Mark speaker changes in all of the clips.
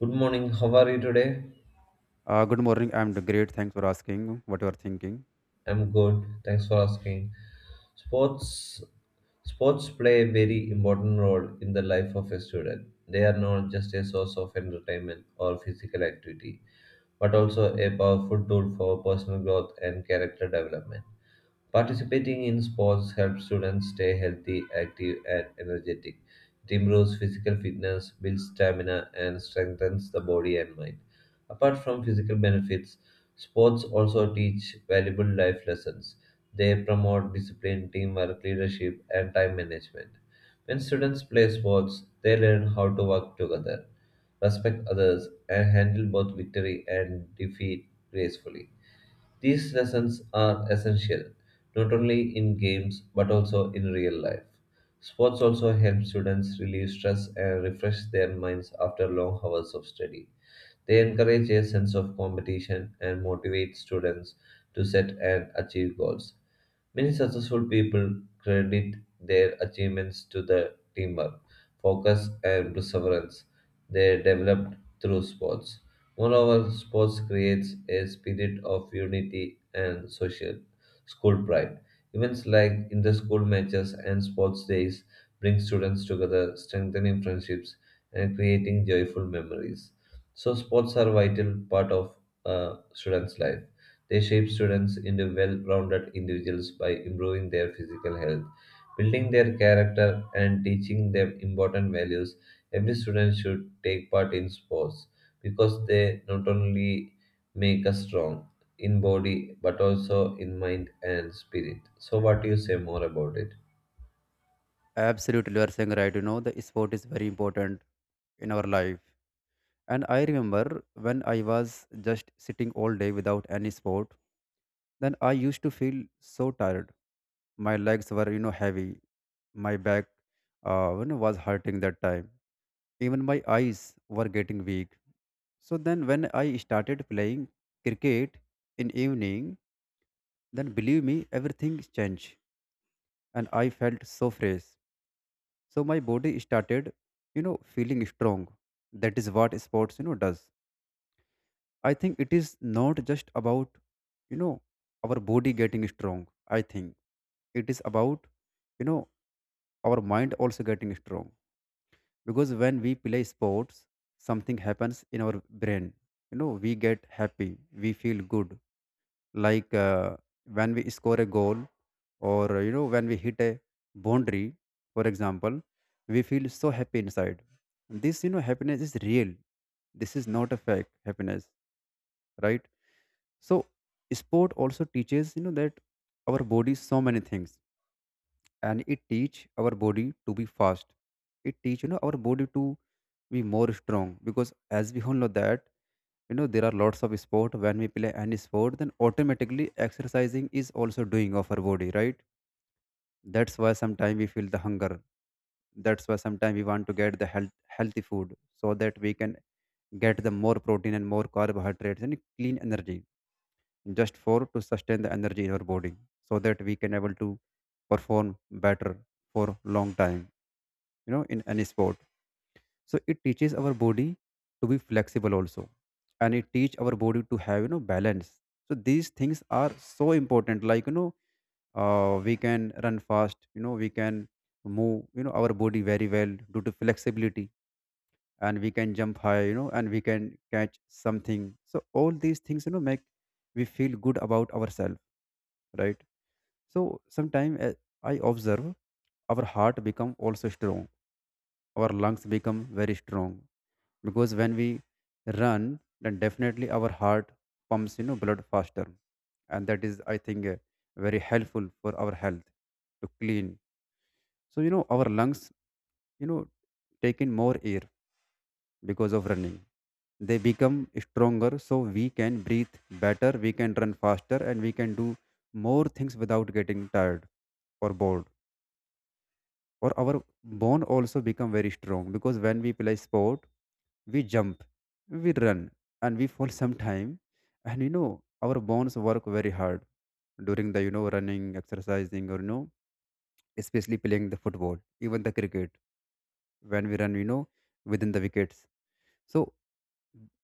Speaker 1: Good morning. How are you today?
Speaker 2: Good morning. I'm great. Thanks for asking what you are thinking.
Speaker 1: I'm good. Thanks for asking. Sports sports play a very important role in the life of a student. They are not just a source of entertainment or physical activity, but also a powerful tool for personal growth and character development. Participating in sports helps students stay healthy, active, and energetic. It improves physical fitness, builds stamina, and strengthens the body and mind. Apart from physical benefits, sports also teach valuable life lessons. They promote discipline, teamwork, leadership, and time management. When students play sports, they learn how to work together, respect others, and handle both victory and defeat gracefully. These lessons are essential not only in games but also in real life. Sports also help students relieve stress and refresh their minds after long hours of study. They encourage a sense of competition and motivate students to set and achieve goals. Many successful people credit their achievements to the teamwork, focus, and perseverance they developed through sports. Moreover, sports creates a spirit of unity and social school pride. Events like inter-school matches and sports days bring students together, strengthening friendships and creating joyful memories. So, sports are vital part of a student's life. They shape students into well-rounded individuals by improving their physical health, building their character, and teaching them important values. Every student should take part in sports because they not only make us strong in body but also in mind and spirit. So, what do you say more about it?
Speaker 2: Absolutely, you are saying right. You know, the sport is very important in our life. And I remember when I was just sitting all day without any sport, then I used to feel so tired. My legs were heavy. My back was hurting that time. Even my eyes were getting weak. So then, when I started playing cricket in evening, then believe me, everything changed and I felt so fresh. So my body started feeling strong. That is what sports does. I think it is not just about, you know, our body getting strong. I think it is about, you know, our mind also getting strong. Because when we play sports, something happens in our brain. You know, we get happy, we feel good, like when we score a goal, or when we hit a boundary, for example, we feel so happy inside. This happiness is real. This is not a fake happiness, right? So sport also teaches that our body so many things. And it teach our body to be fast. It teach our body to be more strong. Because as we all know that, there are lots of sport. When we play any sport, then automatically exercising is also doing of our body, right? That's why sometimes we feel the hunger. That's why sometimes we want to get the healthy food so that we can get the more protein and more carbohydrates and clean energy, just for to sustain the energy in our body so that we can able to perform better for long time, in any sport. So it teaches our body to be flexible also. And it teach our body to have balance. So these things are so important, like we can run fast. We can move our body very well due to flexibility. And we can jump high and we can catch something. So all these things make we feel good about ourselves, right? So sometimes I observe our heart become also strong. Our lungs become very strong. Because when we run, then definitely our heart pumps blood faster. And that is, I think, very helpful for our health to clean. So our lungs you know take in more air because of running. They become stronger, so we can breathe better, we can run faster, and we can do more things without getting tired or bored. Or our bone also become very strong. Because when we play sport, we jump, we run, and we fall sometime. And our bones work very hard during the running, exercising, or especially playing the football, even the cricket. When we run within the wickets, so,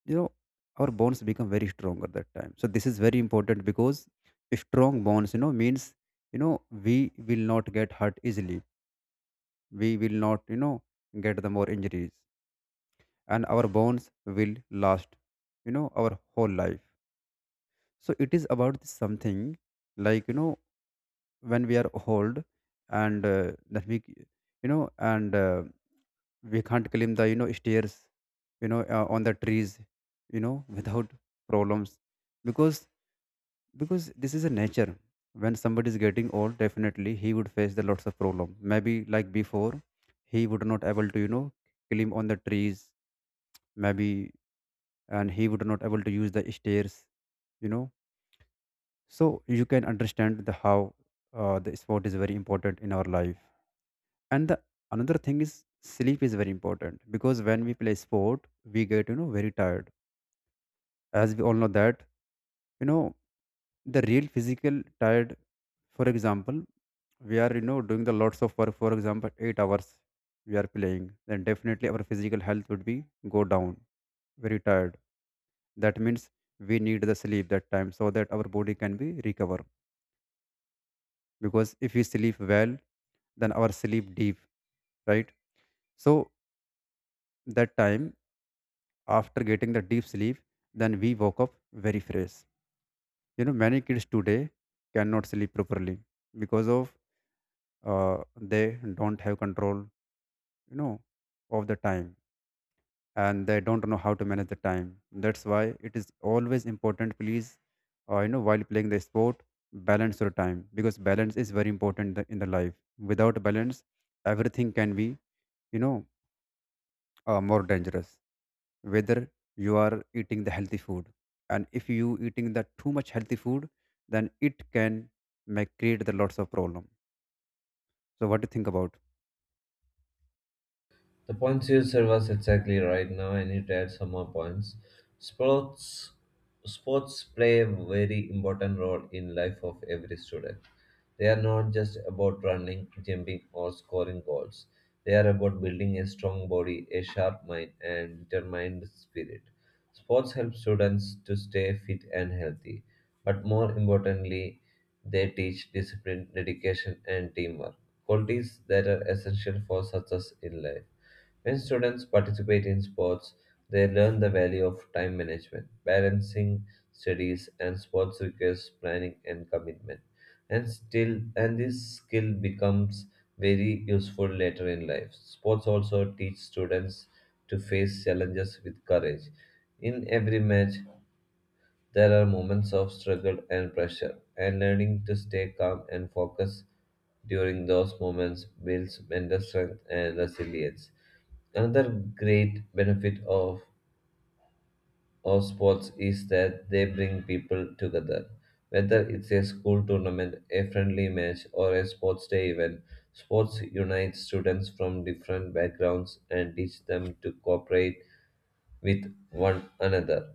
Speaker 2: you know, our bones become very strong at that time. So this is very important because strong bones means we will not get hurt easily. We will not get the more injuries, and our bones will last our whole life. So it is about this something, like when we are old and that we c- you know and we can't climb the stairs, on the trees without problems. Because this is a nature. When somebody is getting old, definitely he would face the lots of problem, maybe like before he would not able to climb on the trees maybe, and he would not able to use the stairs you know so you can understand the how the sport is very important in our life. And the another thing is sleep is very important. Because when we play sport, we get very tired. As we all know that, you know the real physical tired. For example, we are doing the lots of work, for example, 8 hours we are playing, then definitely our physical health would be go down, very tired. That means we need the sleep that time so that our body can be recover. Because if we sleep well, then our sleep deep, right? So that time, after getting the deep sleep, then we woke up very fresh. Many kids today cannot sleep properly, because of uh, they don't have control you know of the time, and they don't know how to manage the time. That's why it is always important, please, while playing the sport, balance your time. Because balance is very important in the life. Without balance, everything can be you know more dangerous. Whether you are eating the healthy food, and if you eating the too much healthy food, then it can make create the lots of problem. So what do you think about?
Speaker 1: The points you said was exactly right now, and it add some more points. Sports sports play a very important role in life of every student. They are not just about running, jumping, or scoring goals. They are about building a strong body, a sharp mind, and determined spirit. Sports help students to stay fit and healthy, but more importantly, they teach discipline, dedication, and teamwork, qualities that are essential for success in life. When students participate in sports, they learn the value of time management. Balancing studies and sports requires planning and commitment. And this skill becomes very useful later in life. Sports also teach students to face challenges with courage. In every match, there are moments of struggle and pressure, and learning to stay calm and focused during those moments builds mental strength and resilience. Another great benefit of sports is that they bring people together. Whether it's a school tournament, a friendly match, or a sports day event, sports unite students from different backgrounds and teach them to cooperate with one another.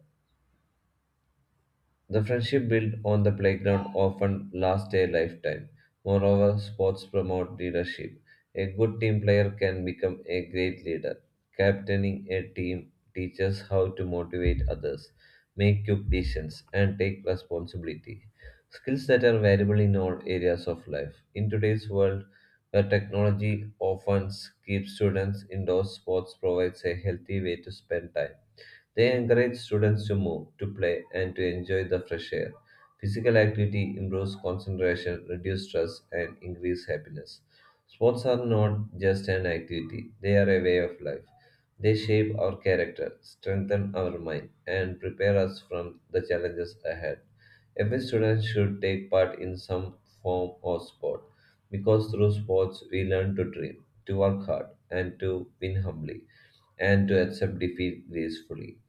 Speaker 1: The friendship built on the playground often lasts a lifetime. Moreover, sports promote leadership. A good team player can become a great leader. Captaining a team teaches how to motivate others, make quick decisions, and take responsibility. Skills that are valuable in all areas of life. In today's world, where technology often keeps students indoors, sports provides a healthy way to spend time. They encourage students to move, to play, and to enjoy the fresh air. Physical activity improves concentration, reduces stress, and increases happiness. Sports are not just an activity, they are a way of life. They shape our character, strengthen our mind, and prepare us from the challenges ahead. Every student should take part in some form or sport because through sports we learn to dream, to work hard, and to win humbly, and to accept defeat gracefully.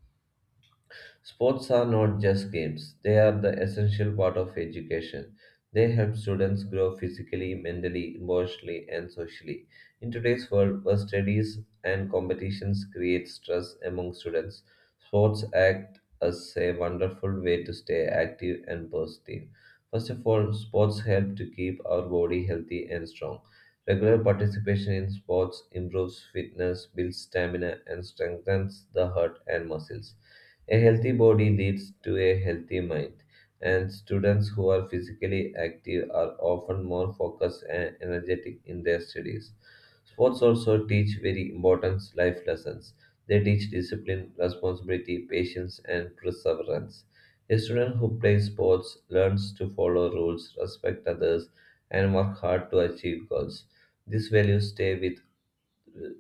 Speaker 1: Sports are not just games, they are the essential part of education. They help students grow physically, mentally, emotionally, and socially. In today's world, where studies and competitions create stress among students, sports act as a wonderful way to stay active and positive. First of all, sports help to keep our body healthy and strong. Regular participation in sports improves fitness, builds stamina, and strengthens the heart and muscles. A healthy body leads to a healthy mind, and students who are physically active are often more focused and energetic in their studies. Sports also teach very important life lessons. They teach discipline, responsibility, patience, and perseverance. A student who plays sports learns to follow rules, respect others, and work hard to achieve goals. These values stay with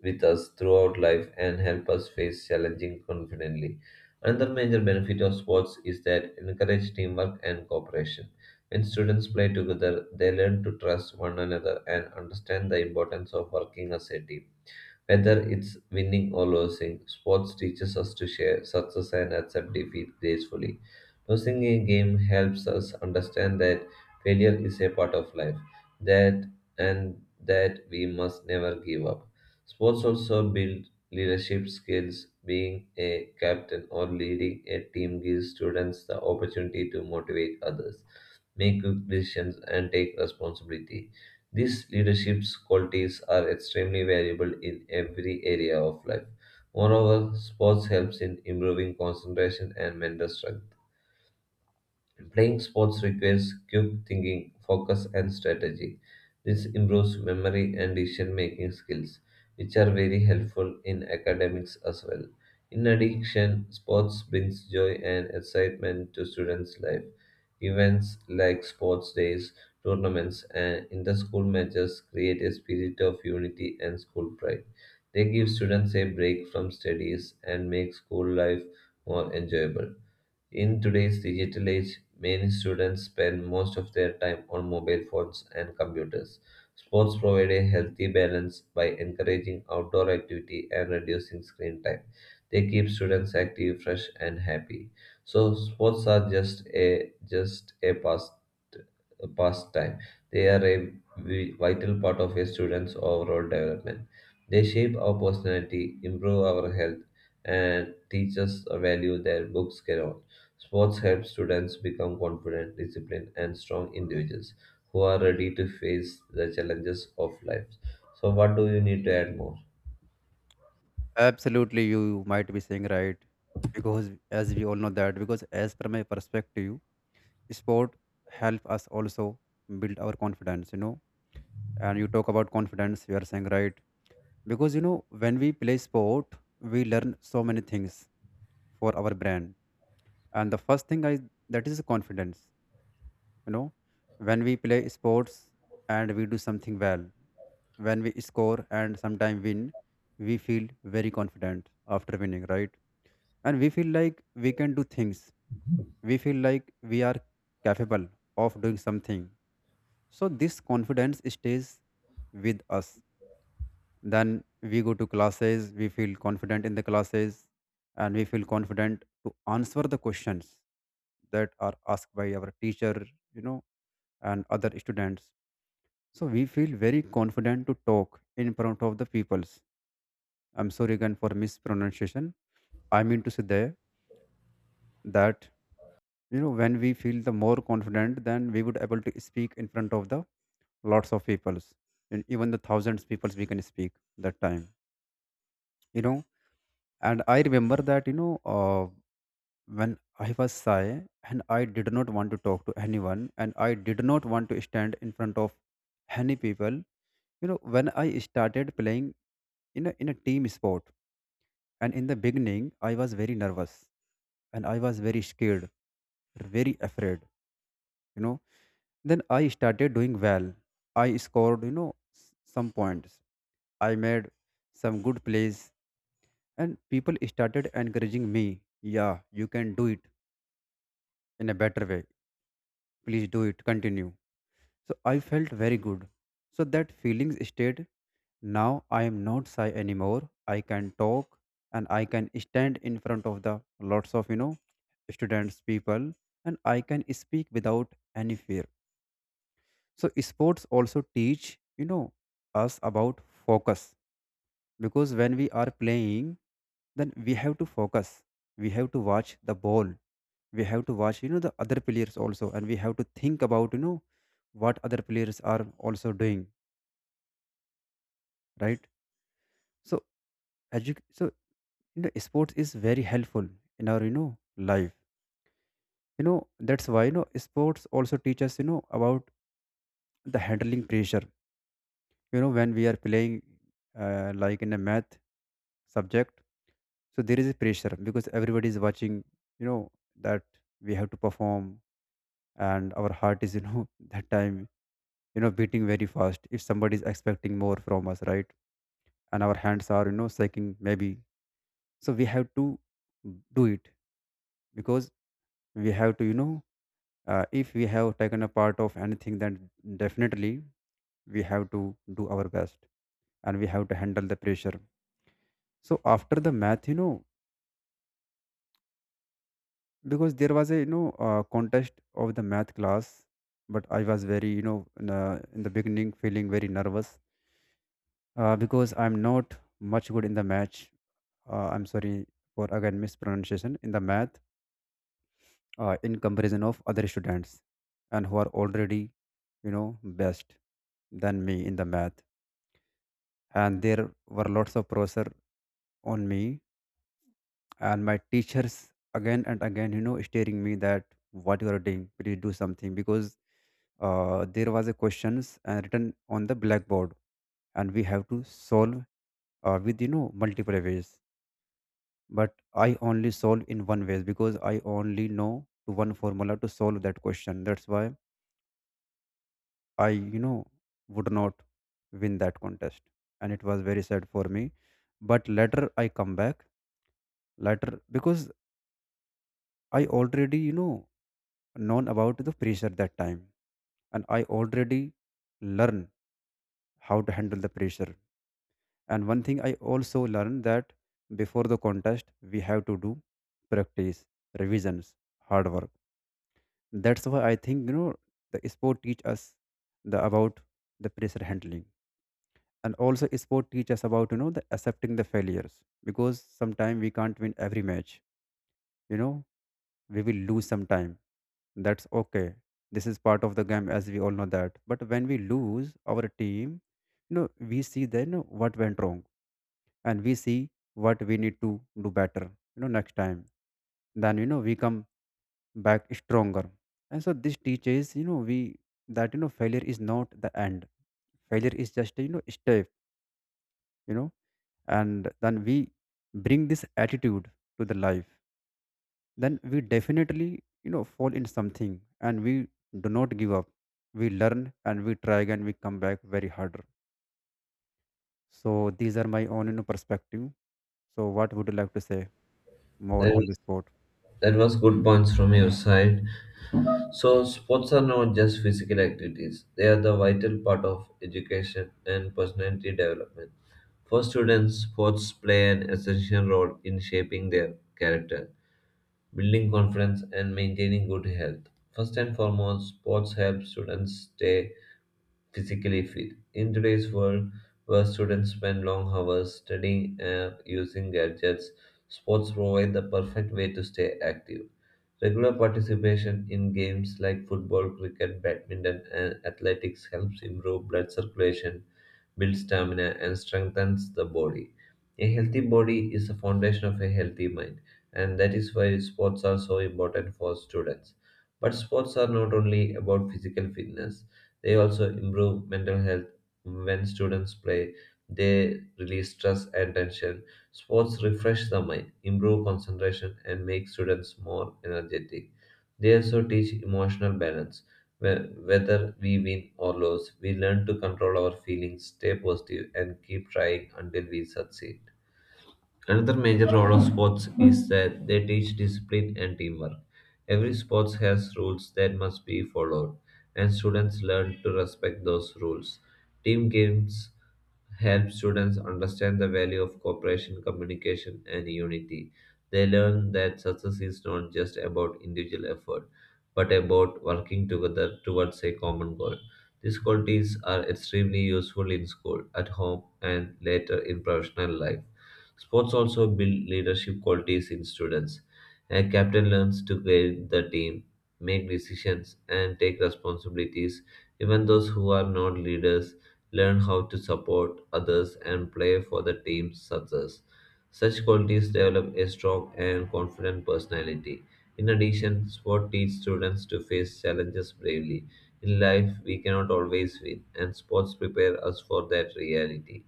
Speaker 1: with us throughout life and help us face challenging confidently. Another major benefit of sports is that encourage teamwork and cooperation. When students play together, they learn to trust one another and understand the importance of working as a team. Whether it's winning or losing, sports teaches us to share success and accept defeat gracefully. Losing a game helps us understand that failure is a part of life, that and that we must never give up. Sports also build leadership skills. Being a captain or leading a team gives students the opportunity to motivate others make good decisions, and take responsibility. These leadership qualities are extremely valuable in every area of life. Moreover, sports helps in improving concentration and mental strength. Playing sports requires quick thinking, focus, and strategy. This improves memory and decision making skills, which are very helpful in academics as well. In addition, sports brings joy and excitement to students' life. Events like sports days, tournaments, and inter-school matches create a spirit of unity and school pride. They give students a break from studies and make school life more enjoyable. In today's digital age, many students spend most of their time on mobile phones and computers. Sports provide a healthy balance by encouraging outdoor activity and reducing screen time. They keep students active, fresh, and happy. So sports are just a past a pastime. They are a vital part of a student's overall development. They shape our personality, improve our health, and teach us a value that books cannot. Sports help students become confident, disciplined, and strong individuals who are ready to face the challenges of life. So, what do you need to add more?
Speaker 2: Absolutely, you might be saying right. Because as we all know that, because as per my perspective, sport help us also build our confidence. And you talk about confidence, you are saying right. Because when we play sport, we learn so many things for our brand. And the first thing, I that is confidence, you know, When we play sports and we do something well, when we score and sometime win, we feel very confident after winning, right? And we feel like we can do things, we feel like we are capable of doing something. So this confidence stays with us. Then we go to classes, we feel confident in the classes, and we feel confident to answer the questions that are asked by our teacher you know and other students. So we feel very confident to talk in front of the peoples. I'm sorry again for mispronunciation. I mean to say there that, when we feel the more confident, then we would able to speak in front of the lots of peoples, and even the thousands peoples we can speak that time. You know, and I remember that, when I was shy and I did not want to talk to anyone, and I did not want to stand in front of any people. When I started playing in a team sport. And in the beginning, I was very nervous, and I was very scared, very afraid, you know. Then I started doing well. I scored, some points. I made some good plays, and people started encouraging me. Yeah, you can do it in a better way. Please do it. Continue. So I felt very good. So that feelings stayed. Now I am not shy anymore. I can talk, and I can stand in front of the lots of students, people, and I can speak without any fear. So sports also teach us about focus. Because when we are playing, then we have to focus. We have to watch the ball. We have to watch the other players also, and we have to think about what other players are also doing, right? So edu- so sports is very helpful in our life. That's why sports also teach us about the handling pressure. When we are playing, like in a math subject, so there is a pressure because everybody is watching, you know that we have to perform. And our heart is that time, beating very fast if somebody is expecting more from us, right? And our hands are shaking maybe. So we have to do it, because we have to you know if we have taken a part of anything, then definitely we have to do our best, and we have to handle the pressure. So after the math, because there was a, contest of the math class. But I was very in the beginning feeling very nervous, because I'm not much good in the match. I'm sorry for again mispronunciation in the math, in comparison of other students, and who are already best than me in the math. And there were lots of pressure on me, and my teachers again and again staring me that, what you are doing, please do something. Because there was a questions written on the blackboard, and we have to solve with multiple ways. But I only solve in one way because I only know to one formula to solve that question. That's why I would not win that contest. And it was very sad for me. But later I come back, later, because I already, known about the pressure that time. And I already learn how to handle the pressure. And one thing I also learned that before the contest, we have to do practice, revisions, hard work. That's why I think, the sport teach us the about the pressure handling. And also sport teach us about the accepting the failures, because sometime we can't win every match you know we will lose sometime. That's okay, this is part of the game, as we all know that. But when we lose our team, we see then what went wrong, and we see what we need to do better, next time. Then, we come back stronger. And so this teaches, you know we that, failure is not the end. Failure is just, step, you know and then we bring this attitude to the life. Then we definitely, fall in something, and we do not give up. We learn and we try again, we come back very harder. So these are my own, perspective. So what would you like to say more
Speaker 1: That,
Speaker 2: on this
Speaker 1: is-
Speaker 2: sport?
Speaker 1: that was good points from your side. So, sports are not just physical activities, they are the vital part of education and personality development. For students, sports play an essential role in shaping their character, building confidence, and maintaining good health. First and foremost, sports help students stay physically fit. In today's world, where students spend long hours studying and using gadgets, sports provide the perfect way to stay active. Regular participation in games like football, cricket, badminton, and athletics helps improve blood circulation, build stamina, and strengthens the body. A healthy body is the foundation of a healthy mind, and that is why sports are so important for students. But sports are not only about physical fitness they also improve mental health when students play. They release stress and tension. Sports refresh the mind, improve concentration, and make students more energetic. They also teach emotional balance. Whether we win or lose, we learn to control our feelings, stay positive, and keep trying until we succeed. Another major role of sports is that they teach discipline and teamwork. Every sport has rules that must be followed, and students learn to respect those rules. Team games help students understand the value of cooperation, communication, and unity. They learn that success is not just about individual effort, but about working together towards a common goal. These qualities are extremely useful in school, at home, and later in professional life. Sports also build leadership qualities in students. A captain learns to guide the team, make decisions, and take responsibilities. Even those who are not leaders learn how to support others and play for the team's success. Such qualities develop a strong and confident personality. In addition, sport teaches students to face challenges bravely. In life, we cannot always win, and sports prepare us for that reality.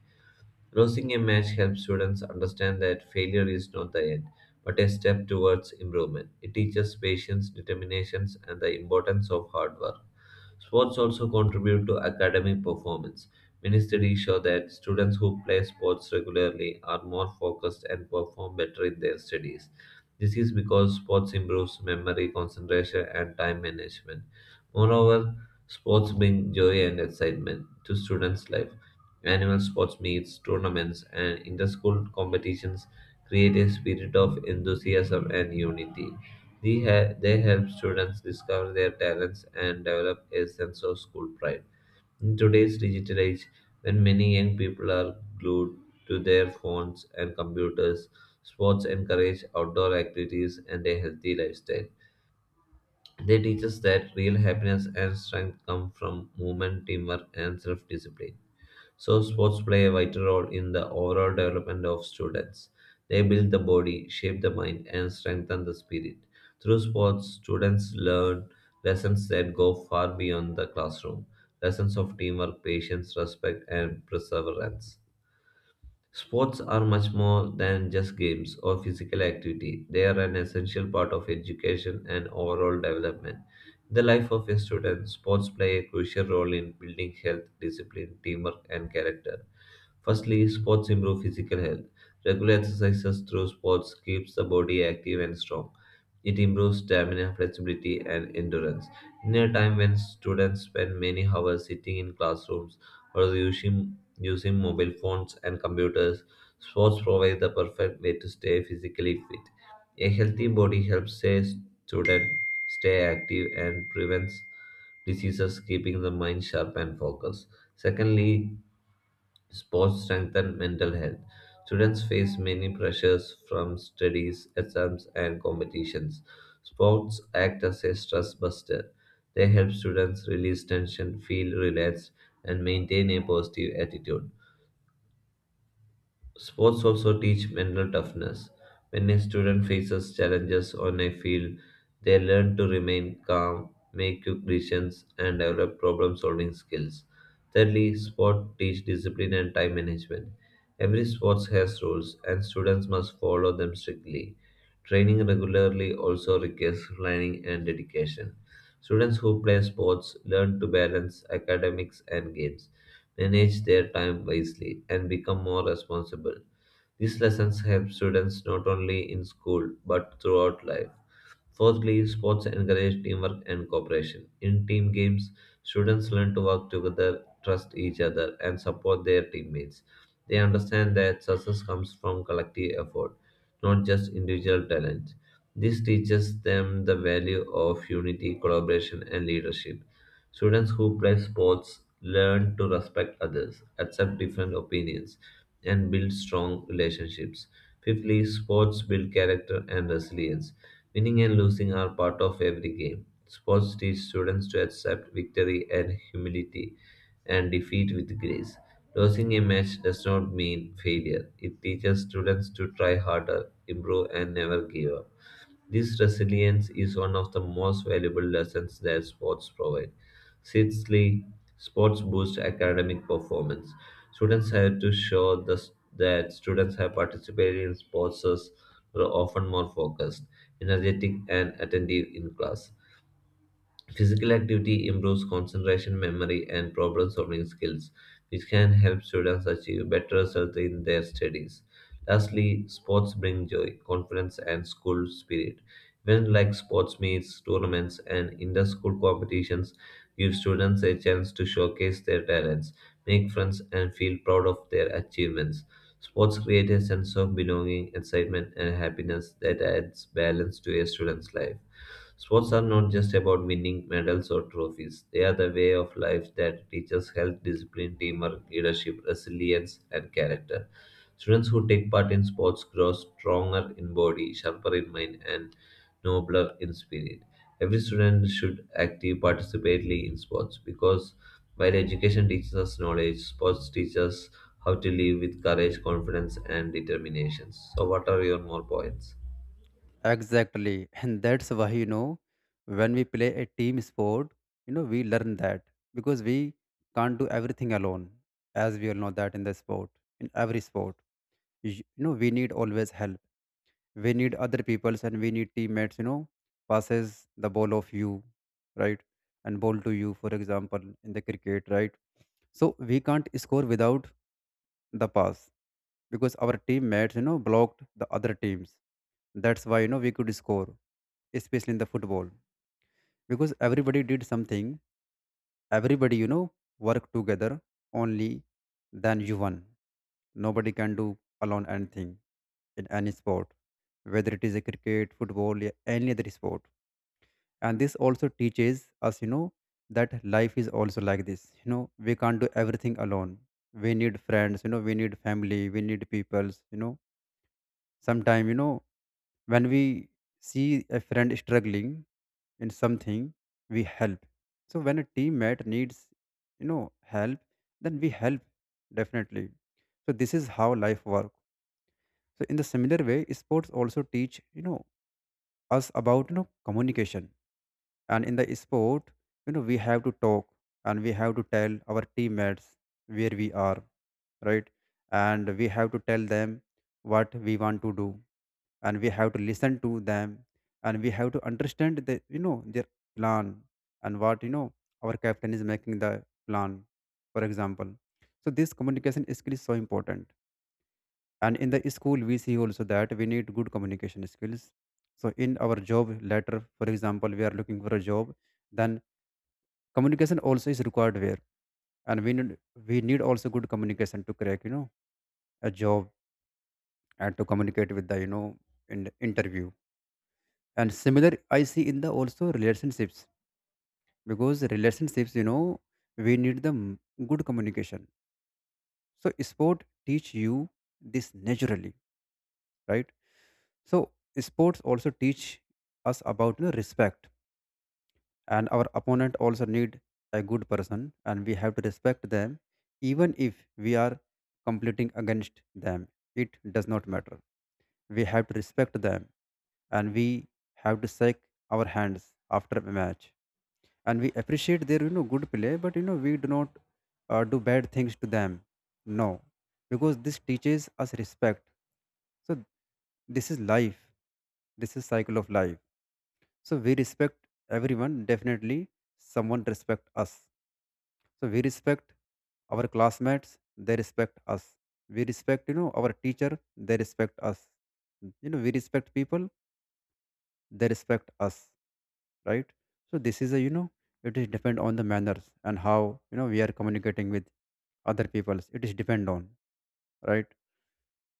Speaker 1: Losing a match helps students understand that failure is not the end, but a step towards improvement. It teaches patience, determination, and the importance of hard work. Sports also contribute to academic performance. Many studies show that students who play sports regularly are more focused and perform better in their studies. This is because sports improves memory, concentration, and time management. Moreover, sports bring joy and excitement to students' life. Annual sports meets, tournaments, and inter-school competitions create a spirit of enthusiasm and unity. They help students discover their talents and develop a sense of school pride. In today's digital age, when many young people are glued to their phones and computers, sports encourage outdoor activities and a healthy lifestyle. They teach us that real happiness and strength come from movement, teamwork, and self discipline. So, sports play a vital role in the overall development of students. They build the body, shape the mind, and strengthen the spirit. Through sports, students learn lessons that go far beyond the classroom lessons of teamwork, patience, respect, and perseverance. Sports are much more than just games or physical activity. They are an essential part of education and overall development. In the life of a student, sports play a crucial role in building health, discipline, teamwork, and character. Firstly, sports improve physical health. Regular exercises through sports keeps the body active and strong. It improves stamina, flexibility, and endurance. In a time when students spend many hours sitting in classrooms or using mobile phones and computers, sports provide the perfect way to stay physically fit. A healthy body helps a student stay active and prevents diseases, keeping the mind sharp and focused. Secondly, sports strengthen mental health. Students face many pressures from studies, exams, and competitions. Sports act as a stress buster. They help students release tension, feel relaxed, and maintain a positive attitude. Sports also teach mental toughness. When a student faces challenges on a field, they learn to remain calm, make quick decisions, and develop problem solving skills. Thirdly, sport teach discipline and time management. Every sport has rules, and students must follow them strictly. Training regularly also requires planning and dedication. Students who play sports learn to balance academics and games, manage their time wisely, and become more responsible. These lessons help students not only in school but throughout life. Fourthly, sports encourage teamwork and cooperation. In team games, students learn to work together, trust each other, and support their teammates. They understand that success comes from collective effort, not just individual talent. This teaches them the value of unity, collaboration, and leadership. Students who play sports learn to respect others, accept different opinions, and build strong relationships. Fifthly, sports build character and resilience. Winning and losing are part of every game. Sports teach students to accept victory and humility and defeat with grace. Losing a match does not mean failure. It teaches students to try harder, improve, and never give up. This resilience is one of the most valuable lessons that sports provide. Sixthly, sports boost academic performance. Students have to show this, that students have participated in sports are often more focused, energetic, and attentive in class. Physical activity improves concentration, memory, and problem solving skills, which can help students achieve better results in their studies. Lastly, sports bring joy, confidence, and school spirit. Events like sports meets, tournaments, and inter school competitions give students a chance to showcase their talents, make friends, and feel proud of their achievements. Sports create a sense of belonging, excitement, and happiness that adds balance to a student's life. Sports are not just about winning medals or trophies, they are the way of life that teaches health, discipline, teamwork, leadership, resilience, and character. Students who take part in sports grow stronger in body, sharper in mind, and nobler in spirit. Every student should actively participate in sports because while education teaches us knowledge, sports teaches us how to live with courage, confidence, and determination. So, what are your more points?
Speaker 2: Exactly, and that's why, when we play a team sport, we learn that, because we can't do everything alone, as we all know that. In the sport, in every sport, you know we need always help. We need other peoples, and we need teammates, passes the ball of you, right? And ball to you, for example, in the cricket, right? So we can't score without the pass, because our teammates, blocked the other teams. That's why, we could score, especially in the football, because everybody did something. Everybody, work together, only then you won. Nobody can do alone anything in any sport, whether it is a cricket, football, or any other sport. And this also teaches us, that life is also like this. We can't do everything alone. We need friends, we need family, we need peoples. Sometime, when we see a friend struggling in something, we help. So when a teammate needs, help, then we help, definitely. So this is how life works. So in the similar way, sports also teach, us about, communication. And in the sport, we have to talk, and we have to tell our teammates where we are, right? And we have to tell them what we want to do, and we have to listen to them, and we have to understand the, their plan. And what, our captain is making the plan, for example. So this communication skill is so important. And in the school we see also that we need good communication skills. So in our job letter, for example, we are looking for a job, then communication also is required there. And we need, we need also good communication to crack, a job, and to communicate with the, in interview. And similar, I see in the also relationships, because relationships, we need the good communication. So sport teach you this naturally, right? So sports also teach us about, respect. And our opponent also need a good person, and we have to respect them, even if we are competing against them. It does not matter, we have to respect them, and we have to shake our hands after a match. And we appreciate their, good play, but, we do not do bad things to them, no, because this teaches us respect. So this is life, this is cycle of life. So we respect everyone, definitely. Someone respect us, so we respect. Our classmates, they respect us. We respect, our teacher, they respect us. We respect people, they respect us, right? So this is a, it is depend on the manners, and how, we are communicating with other peoples. It is depend on, right?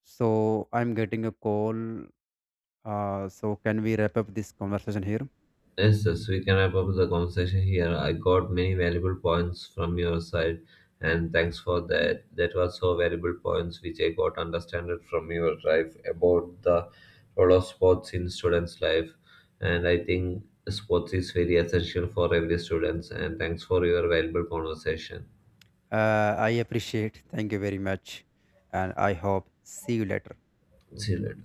Speaker 2: So I'm getting a call. So can we wrap up this conversation here?
Speaker 1: Yes, yes, we can wrap up the conversation here. I got many valuable points from your side, and thanks for that. That was so valuable points which I got understood from your life about the role of sports in students' life. And I think sports is very essential for every students. And thanks for your valuable conversation.
Speaker 2: I appreciate, thank you very much. And I hope see you later.
Speaker 1: See you later.